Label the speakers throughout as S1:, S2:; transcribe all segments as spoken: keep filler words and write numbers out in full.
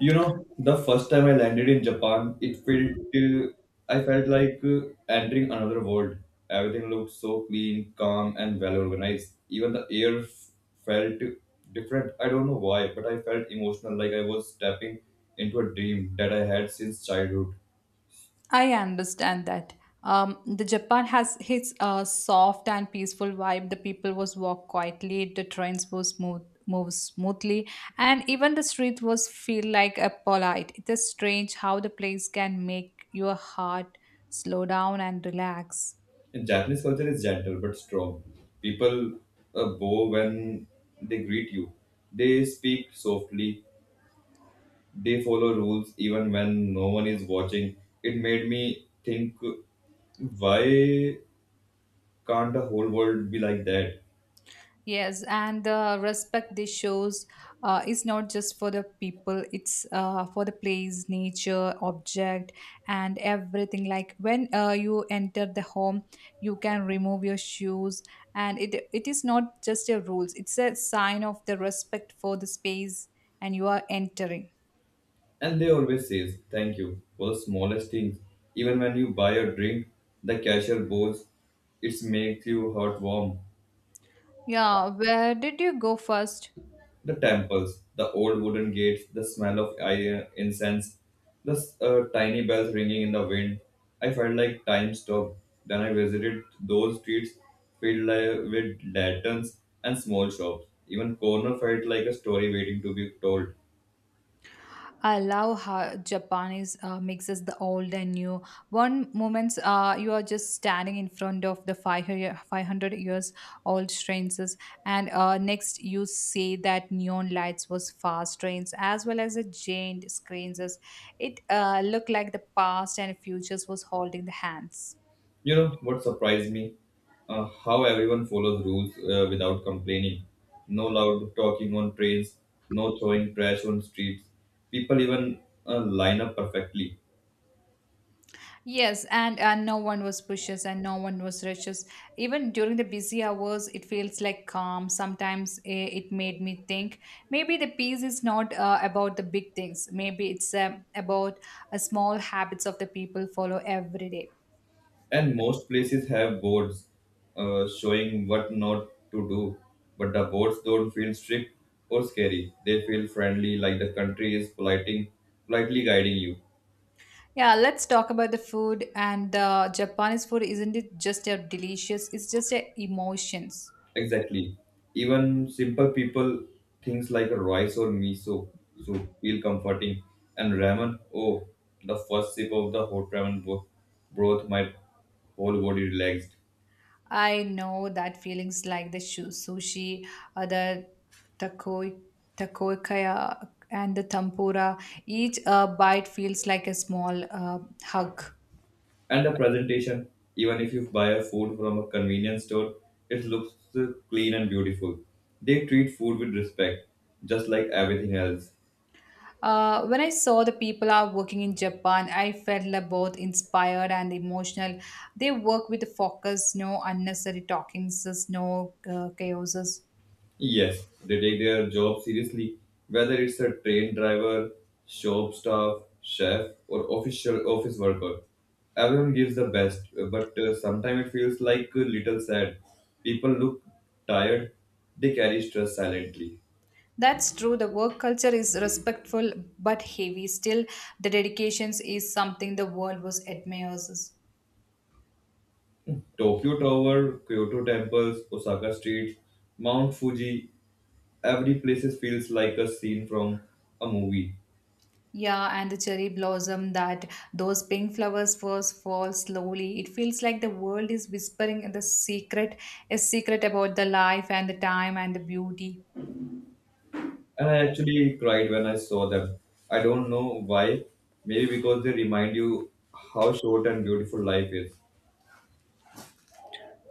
S1: You know, the first time I landed in Japan, it felt uh, I felt like uh, entering another world. Everything looked so clean, calm, and well organized. Even the air f- felt different. I don't know why, but I felt emotional, like I was stepping into a dream that I had since childhood.
S2: I understand that. Um, the Japan has its uh, soft and peaceful vibe. The people was walk quietly. The trains was smooth move smoothly, and even the street was feel like a polite. It is strange how the place can make your heart slow down and relax.
S1: And Japanese culture is gentle but strong. People uh, bow when they greet you. They speak softly. They follow rules even when no one is watching. It made me think, why can't the whole world be like that?
S2: Yes, and the respect this shows uh, is not just for the people, it's uh, for the place, nature, object, and everything. Like when uh, you enter the home, you can remove your shoes, and it it is not just a rules, it's a sign of the respect for the space and you are entering.
S1: And they always says thank you for the smallest things. Even when you buy a drink, the cashier bows. It makes you heart warm.
S2: Yeah, where did you go first?
S1: The temples, the old wooden gates, the smell of i- incense, the s- uh, tiny bells ringing in the wind. I felt like time stopped. Then I visited those streets filled li- with lanterns and small shops. Even corner felt like a story waiting to be told.
S2: I love how Japanese uh, mixes the old and new. One moment uh, you are just standing in front of the five hundred five hundred years old trains, and uh, next you see that neon lights was fast trains as well as a giant screens. It uh, looked like the past and futures was holding the hands.
S1: You know what surprised me? Uh, how everyone follows rules uh, without complaining. No loud talking on trains, no throwing trash on streets. People even uh, line up perfectly.
S2: Yes, and and no one was pushes and no one was rushes. Even during the busy hours, it feels like calm. Sometimes eh, it made me think maybe the peace is not uh, about the big things. Maybe it's um, about a small habits of the people follow every day.
S1: And most places have boards uh, showing what not to do, but the boards don't feel strict or scary. They feel friendly, like the country is politely, politely guiding you.
S2: Yeah, let's talk about the food and uh, Japanese food. Isn't it just a delicious? It's just a emotions.
S1: Exactly. Even simple people, things like rice or miso soup feel comforting. And ramen, oh, the first sip of the hot ramen bro- broth, my whole body relaxed.
S2: I know that feelings like the shu- sushi, uh, the tako takoyakaya, and the tempura, each uh, bite feels like a small uh, hug.
S1: And the presentation, even if you buy a food from a convenience store, it looks uh, clean and beautiful. They treat food with respect, just like everything else.
S2: Uh, when I saw the people are working in Japan, I felt like both inspired and emotional. They work with focus, no unnecessary talkings, no uh, chaoses.
S1: Yes, they take their job seriously, whether it's a train driver, shop staff, chef, or official office worker. Everyone gives the best, but uh, sometimes it feels like a little sad. People look tired, they carry stress silently.
S2: That's true. The work culture is respectful but heavy. Still, the dedications is something the world was admires.
S1: Tokyo Tower, Kyoto temples, Osaka streets, Mount Fuji, every place feels like a scene from a movie.
S2: Yeah, and the cherry blossom that those pink flowers first fall slowly. It feels like the world is whispering the secret, a secret about the life and the time and the beauty.
S1: And I actually cried when I saw them. I don't know why. Maybe because they remind you how short and beautiful life is.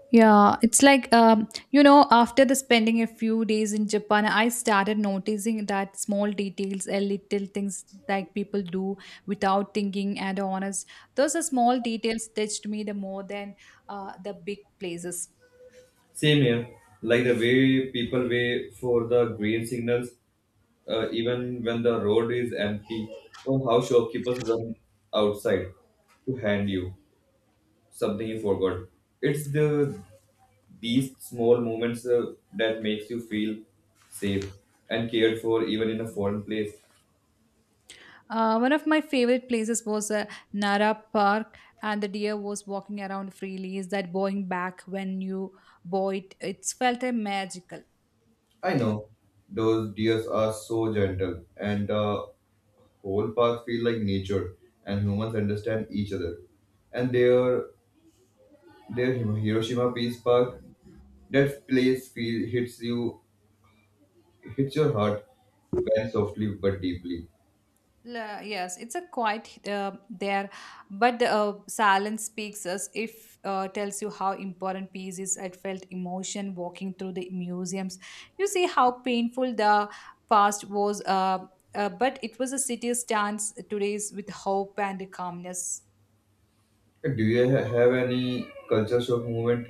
S2: Yeah, it's like um, you know, after the spending a few days in Japan, I started noticing that small details, a little things like people do without thinking and honest. Those are small details touched me the more than uh, the big places.
S1: Same here, like the way people wait for the green signals, uh, even when the road is empty, or how shopkeepers run outside to hand you something you forgot. It's the These small moments uh, that makes you feel safe and cared for even in a foreign place.
S2: Uh, one of my favorite places was uh, Nara Park, and the deer was walking around freely. Is that going back when you bought it? It's felt uh, magical.
S1: I know those deers are so gentle and the whole park feel like nature and humans understand each other. And their their Hiroshima Peace Park, that place feel hits you hits your heart very softly but deeply.
S2: La- yes, it's a quiet uh, there, but the uh, silence speaks us. If uh, tells you how important peace is. I felt emotion walking through the museums. You see how painful the past was, uh, uh, but it was a city stands today's with hope and calmness.
S1: Do you ha- have any culture shock moment?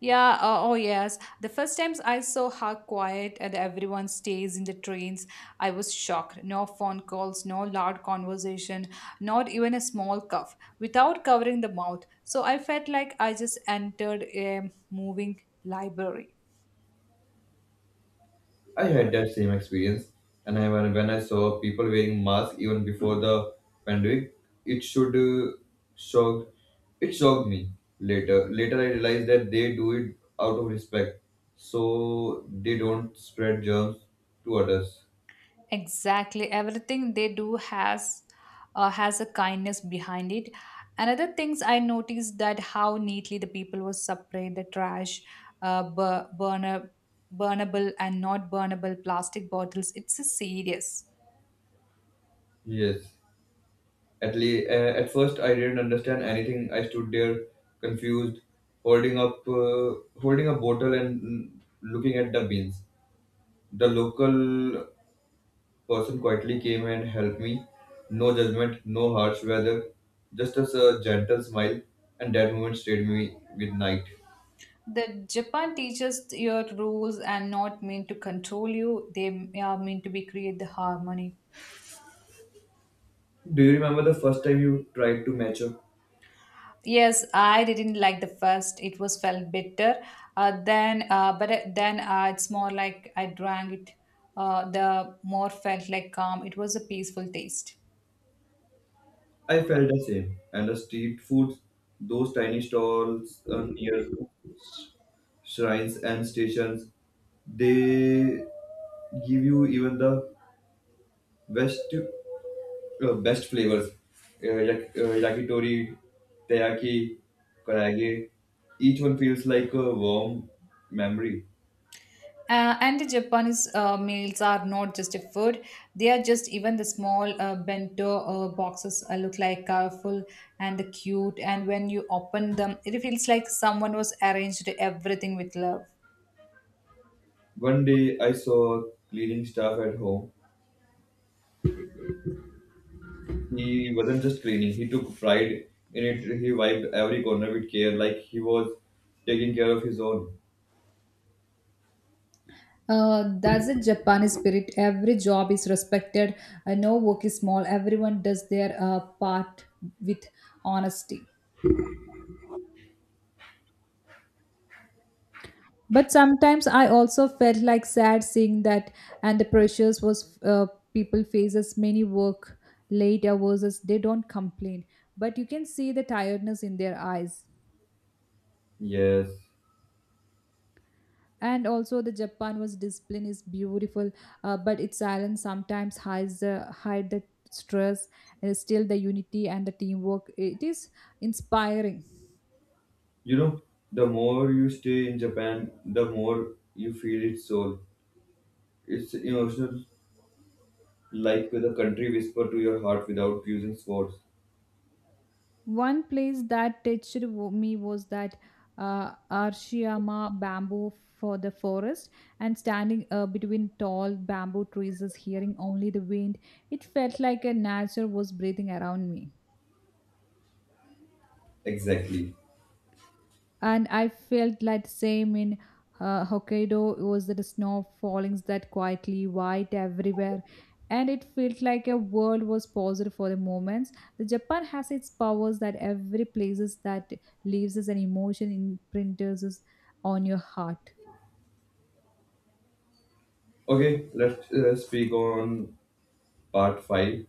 S2: Yeah, uh, oh yes. The first times I saw how quiet and everyone stays in the trains, I was shocked. No phone calls, no loud conversation, not even a small cough, without covering the mouth. So I felt like I just entered a moving library.
S1: I had that same experience, and I, when, when I saw people wearing masks even before the pandemic, it should uh, shock. It shocked me. Later, Later, I realized that they do it out of respect, so they don't spread germs to others.
S2: Exactly. Everything they do has uh, has a kindness behind it. Another things I noticed that how neatly the people will separate the trash, uh, bur- burner, burnable and not burnable plastic bottles. It's a serious.
S1: Yes. At le- uh, at first, I didn't understand anything. I stood there confused, holding up uh, holding a bottle and mm, looking at the beans. The local person quietly came and helped me. No judgment, no harsh weather, just as a gentle smile, and that moment stayed me with night.
S2: The Japan teaches your rules and not mean to control you. They are meant to be create the harmony.
S1: Do you remember the first time you tried to match up?
S2: Yes, I didn't like the first. It was felt bitter. Uh, then, uh, but it- then uh, it's more like I drank it. Uh, the more felt like calm. It was a peaceful taste.
S1: I felt the same, and the street foods, those tiny stalls uh, near shrines and stations, they give you even the best Uh, best flavors, uh, yak- uh, yakitori, teriyaki, karage. Each one feels like a warm memory.
S2: Uh, and the Japanese uh, meals are not just a food. They are just even the small uh, bento uh, boxes uh, look like colorful and cute. And when you open them, it feels like someone was arranged everything with love.
S1: One day I saw cleaning staff at home. He wasn't just cleaning, he took pride in it. He wiped every corner with care, like he was taking care of his own.
S2: Uh, that's a Japanese spirit. Every job is respected. Uh, no work is small. Everyone does their uh, part with honesty. But sometimes I also felt like sad seeing that, and the pressures was uh, people faces many work late hours as they don't complain, but you can see the tiredness in their eyes.
S1: Yes.
S2: And also the Japan was discipline is beautiful, uh, but its silence sometimes hides the hide the stress. Uh, still, the unity and the teamwork it is inspiring.
S1: You know, the more you stay in Japan, the more you feel its soul. It's emotional, like the country whisper to your heart without using words.
S2: One place that touched wo- me was that uh, Arashiyama bamboo for the forest, and standing uh, between tall bamboo trees is hearing only the wind. It felt like a nature was breathing around me.
S1: Exactly.
S2: And I felt like same in uh, Hokkaido. It was the snow fallings that quietly white everywhere, and it felt like a world was paused for the moments. The Japan has its powers that every places that leaves us an emotion imprints us on your heart.
S1: Okay, let's uh, speak on part five.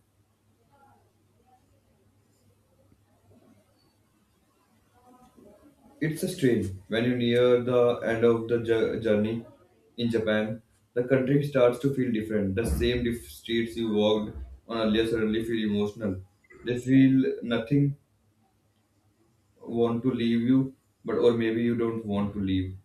S1: It's a strain. When you near the end of the jour- journey in Japan, the country starts to feel different. The same diff- streets you walked on earlier suddenly feel emotional. They feel nothing want to leave you, but or maybe you don't want to leave.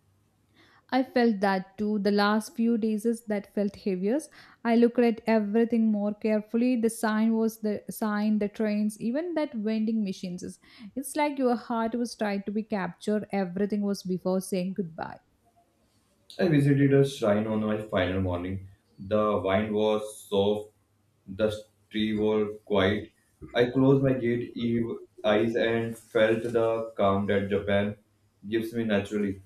S2: I felt that too. The last few days is that felt heaviest. I looked at everything more carefully. The sign was the sign, the trains, even that vending machines. is- It's like your heart was trying to be captured. Everything was before saying goodbye.
S1: I visited a shrine on my final morning. The wind was soft, the trees were quiet. I closed my gate eve- eyes and felt the calm that Japan gives me naturally.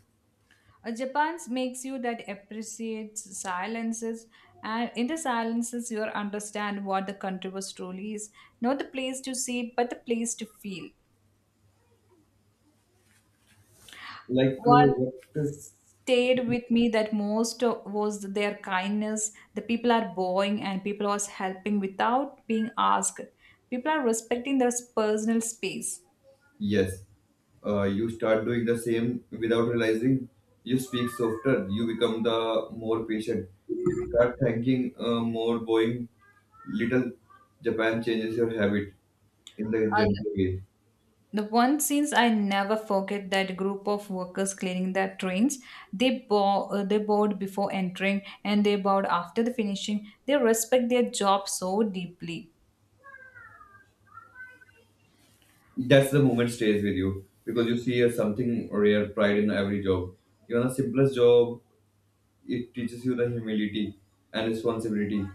S2: Uh, Japan's makes you that appreciates silences, and in the silences, you understand what the country was truly is. Not the place to see, but the place to feel.
S1: Like, uh,
S2: What
S1: what?
S2: stayed with me that most uh, was their kindness. The people are bowing and people was helping without being asked. People are respecting their personal space.
S1: Yes, uh, you start doing the same without realizing. You speak softer, you become the more patient. Start thinking uh, more, going little. Japan changes your habit in the
S2: uh, the
S1: gentle way.
S2: the one scenes I never forget that group of workers cleaning their trains. They bow, uh, they bowed before entering and they bowed after the finishing. They respect their job so deeply.
S1: That's the moment stays with you because you see a something rare pride in every job. Even the simplest job, it teaches you the humility and responsibility.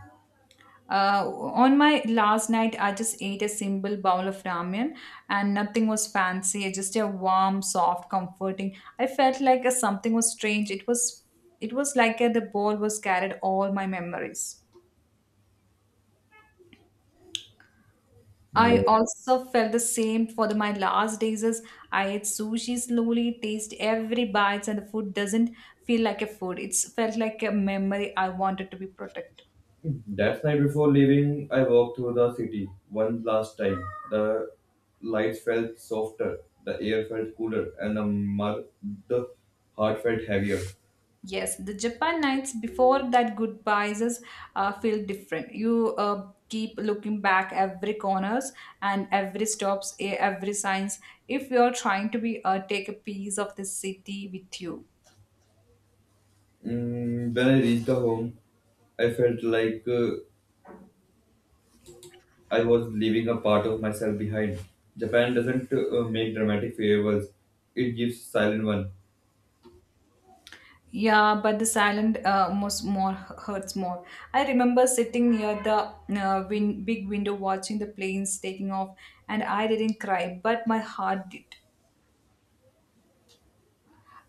S2: Uh, on my last night, I just ate a simple bowl of ramen and nothing was fancy, just a warm, soft, comforting. I felt like a, something was strange. It was it was like a, the bowl was carried all my memories.
S1: Yeah.
S2: I also felt the same for the, my last days as I ate sushi slowly, taste every bite, and the food doesn't feel like a food. It's felt like a memory I wanted to be protected.
S1: That night before leaving, I walked through the city one last time. The lights felt softer, the air felt cooler, and the, mar- the heart felt heavier.
S2: Yes, the Japan nights before that goodbyes is, uh, feel different. You uh, keep looking back every corners and every stops, e- every signs. If you're trying to be uh, take a piece of the city with you.
S1: Mm, when I reached the home, I felt like uh, I was leaving a part of myself behind. Japan doesn't uh, make dramatic farewells; it gives silent one.
S2: Yeah, but the silent uh, most more hurts more. I remember sitting near the uh, win- big window watching the planes taking off, and I didn't cry, but my heart did.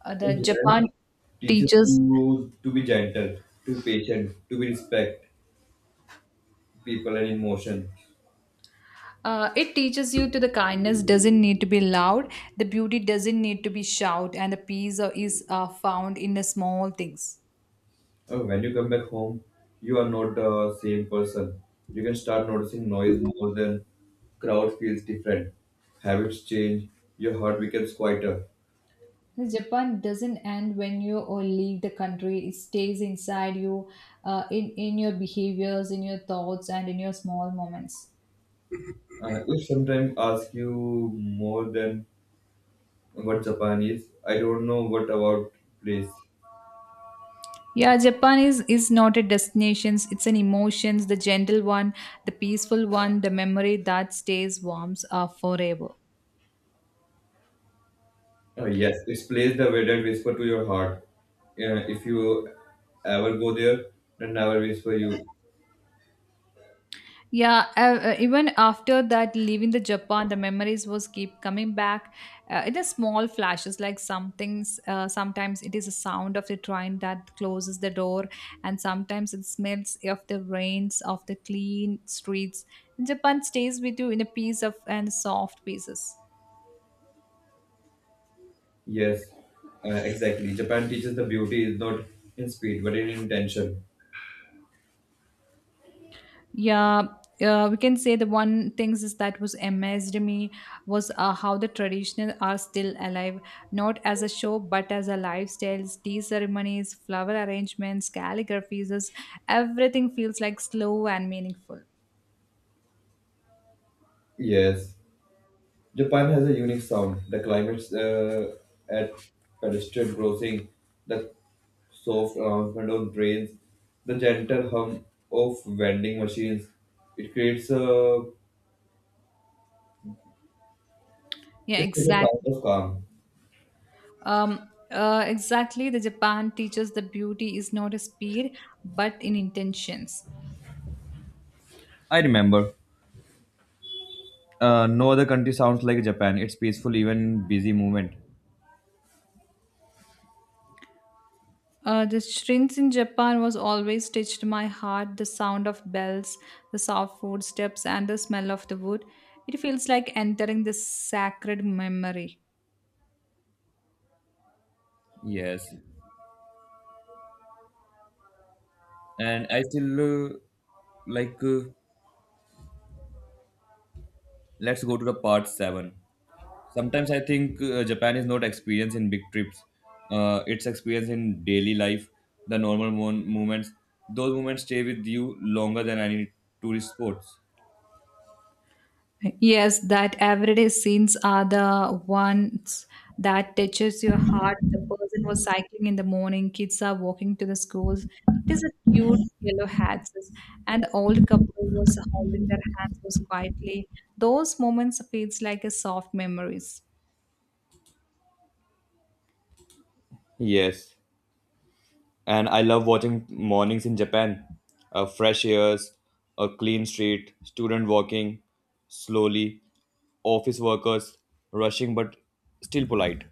S2: Uh, the
S1: In Japan,
S2: Japan
S1: teaches
S2: teaches.
S1: you to be gentle, to be patient, to be respect people and emotion.
S2: Uh, it teaches you to the kindness doesn't need to be loud, the beauty doesn't need to be shout, and the peace uh, is uh, found in the small things.
S1: Uh, when you come back home, you are not the same person. You can start noticing noise more than crowd feels different. Habits change. Your heart becomes quieter.
S2: The Japan doesn't end when you or leave the country. It stays inside you, uh, in in your behaviors, in your thoughts, and in your small moments.
S1: Uh, if sometimes ask you more than what Japan is, I don't know what about place.
S2: Yeah, Japan is is not a destination. It's an emotions, the gentle one, the peaceful one, the memory that stays warm uh, forever.
S1: Uh, yes, it's place the wedded whisper to your heart. Uh, if you ever go there, then never whisper you.
S2: Yeah, uh, uh, even after that, leaving the Japan, the memories was keep coming back. Uh, it is small flashes, like some things. Uh, sometimes it is a sound of the train that closes the door, and sometimes it smells of the rains of the clean streets. Japan stays with you in a piece of and soft pieces.
S1: Yes, uh, exactly. Japan teaches the beauty is not in speed but in intention.
S2: Yeah, uh, we can say the one things is that was amazed me was uh, how the traditional are still alive, not as a show but as a lifestyles, tea ceremonies, flower arrangements, calligraphies, is- everything feels like slow and meaningful.
S1: Yes, Japan has a unique sound. The climates uh, at pedestrian crossing, the soft announcement of trains, the gentle hum of vending machines. It creates a
S2: Yeah,
S1: It is a sound
S2: exactly.
S1: of calm.
S2: Um, uh, exactly. The Japan teaches the beauty is not a speed but in intentions.
S1: I remember. Uh, no other country sounds like Japan. It's peaceful, even busy movement.
S2: Uh, the shrines in Japan was always touched my heart. The sound of bells, the soft footsteps, and the smell of the wood. It feels like entering the sacred memory.
S1: Yes, and I still uh, like. Uh, let's go to the part seven. Sometimes I think uh, Japan is not experience in big trips. Uh, it's experience in daily life, the normal mo- moments. Those moments stay with you longer than any tourist spots.
S2: Yes, that everyday scenes are the ones that touches your heart. The person was cycling in the morning, kids are walking to the schools. It is a cute yellow hats, and the old couple was holding their hands was quietly. Those moments feels like a soft memories.
S1: Yes. And I love watching mornings in Japan. Uh, fresh airs, a clean street, student walking slowly, office workers rushing but still polite.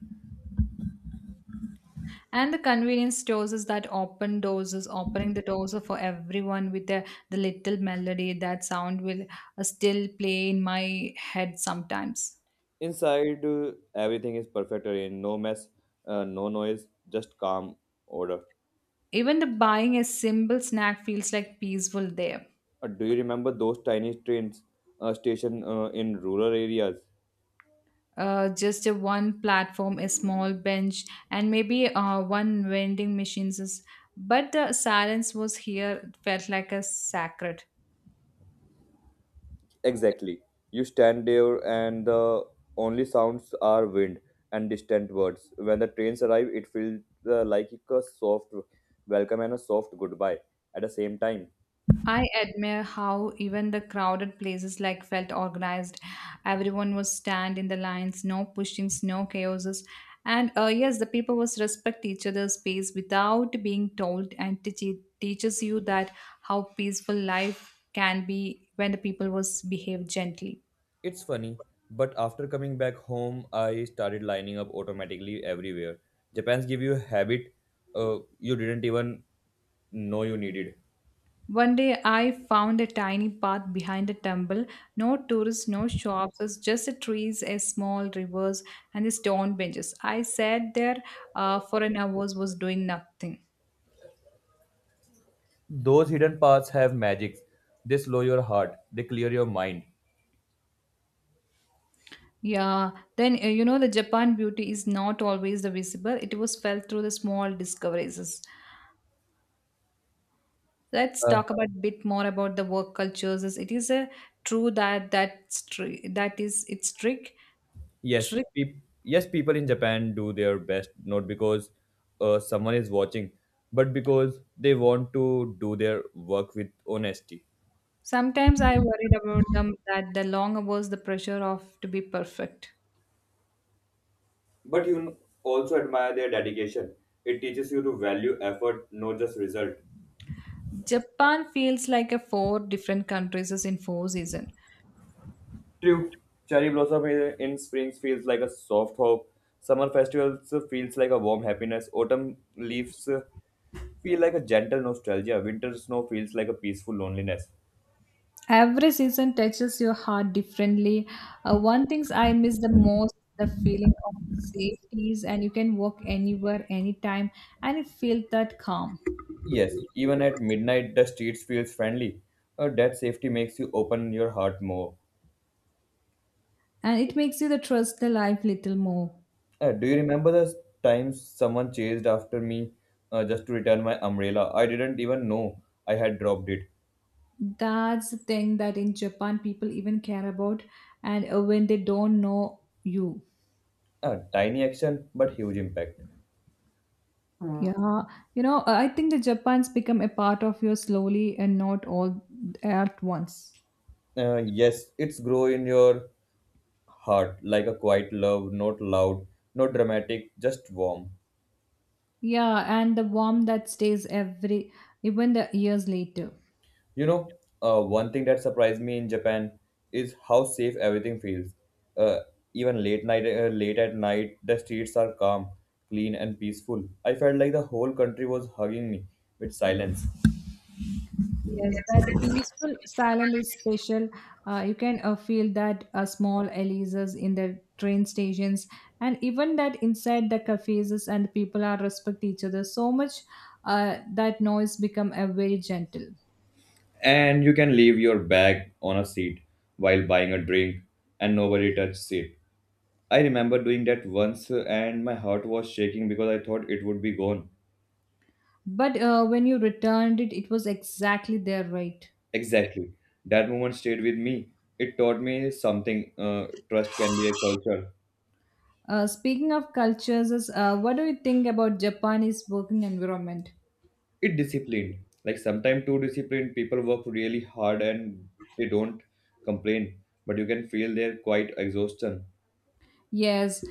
S2: And the convenience stores is that open doors is opening the doors for everyone with the, the little melody that sound will uh, still play in my head sometimes.
S1: Inside, uh, everything is perfect arranged. No mess, uh, no noise, just calm order.
S2: Even the buying a simple snack feels like peaceful there.
S1: Uh, do you remember those tiny trains uh, station uh, in rural areas?
S2: Uh, just a one platform, a small bench, and maybe uh, one vending machines. Is, but the silence was here felt like a sacred.
S1: Exactly. You stand there, and the only sounds are wind and distant birds. When the trains arrive, it feels uh, like a soft welcome and a soft goodbye at the same time.
S2: I admire how even the crowded places like felt organized. Everyone was stand in the lines, no pushings, no chaoses. And uh, yes, the people was respect each other's space without being told and teach, teaches you that how peaceful life can be when the people was behave gently.
S1: It's funny, but after coming back home, I started lining up automatically everywhere. Japan's give you a habit uh, you didn't even know you needed.
S2: One day I found a tiny path behind a temple. No tourists, no shops, it's just the trees, a small rivers, and the stone benches. I sat there uh, for an hour, was doing nothing.
S1: Those hidden paths have magics. They slow your heart, they clear your mind.
S2: Yeah, then uh, you know the Japan beauty is not always the visible. It was felt through the small discoveries. Let's
S1: Uh,
S2: talk about a bit more about the work cultures. It is a true that that's true. That is its trick.
S1: Yes, peop yes, people in Japan do their best, not because uh, someone is watching, but because they want to do their work with honesty.
S2: Sometimes I worried about them that the long hours, the pressure of to be perfect.
S1: But you also admire their dedication. It teaches you to value effort, not just result.
S2: Japan feels like a four different countries is in four season.
S1: True. Cherry blossom in in spring feels like a soft hope. Summer festivals feels like a warm happiness. Autumn leaves uh, feel like a gentle nostalgia. Winter snow feels like a peaceful loneliness.
S2: Every season touches your heart differently. Uh, one things I miss the most the feeling of safeties and you can walk anywhere, anytime, and it feels that calm.
S1: Yes, even at midnight, the streets feels friendly. Uh, that safety makes you open your heart more.
S2: And it makes you the trust the life little more.
S1: Uh, do you remember the times someone chased after me uh, just to return my umbrella? I didn't even know I had dropped it.
S2: That's the thing that in Japan people even care about, and uh, when they don't know you.
S1: Uh, tiny action, but huge impact.
S2: Yeah, you know, uh, I think the Japan's become a part of you slowly and not all at once.
S1: Uh, yes, it's grow in your heart like a quiet love, not loud, not dramatic, just warm.
S2: Yeah, and the warmth that stays every, even the years later.
S1: You know, uh, one thing that surprised me in Japan is how safe everything feels. Uh, even late night, uh, Late at night, the streets are calm, clean, and peaceful. I felt like the whole country was hugging me with silence.
S2: Yes, that peaceful silence is special. Uh, you can uh, feel that uh, small Elises in the train stations, and even that inside the cafes and people are respect each other so much uh, that noise become a very gentle.
S1: And you can leave your bag on a seat while buying a drink, and nobody touches it. I remember doing that once, uh, and my heart was shaking because I thought it would be gone.
S2: But uh, when you returned it, it was exactly there, right?
S1: Exactly, that moment stayed with me. It taught me something. Uh, trust can be a culture.
S2: Uh, speaking of cultures, is- uh, what do you think about Japanese working environment?
S1: It disciplined, like sometimes too disciplined, people work really hard and they don't complain, but you can feel their quite exhaustion.
S2: Yes,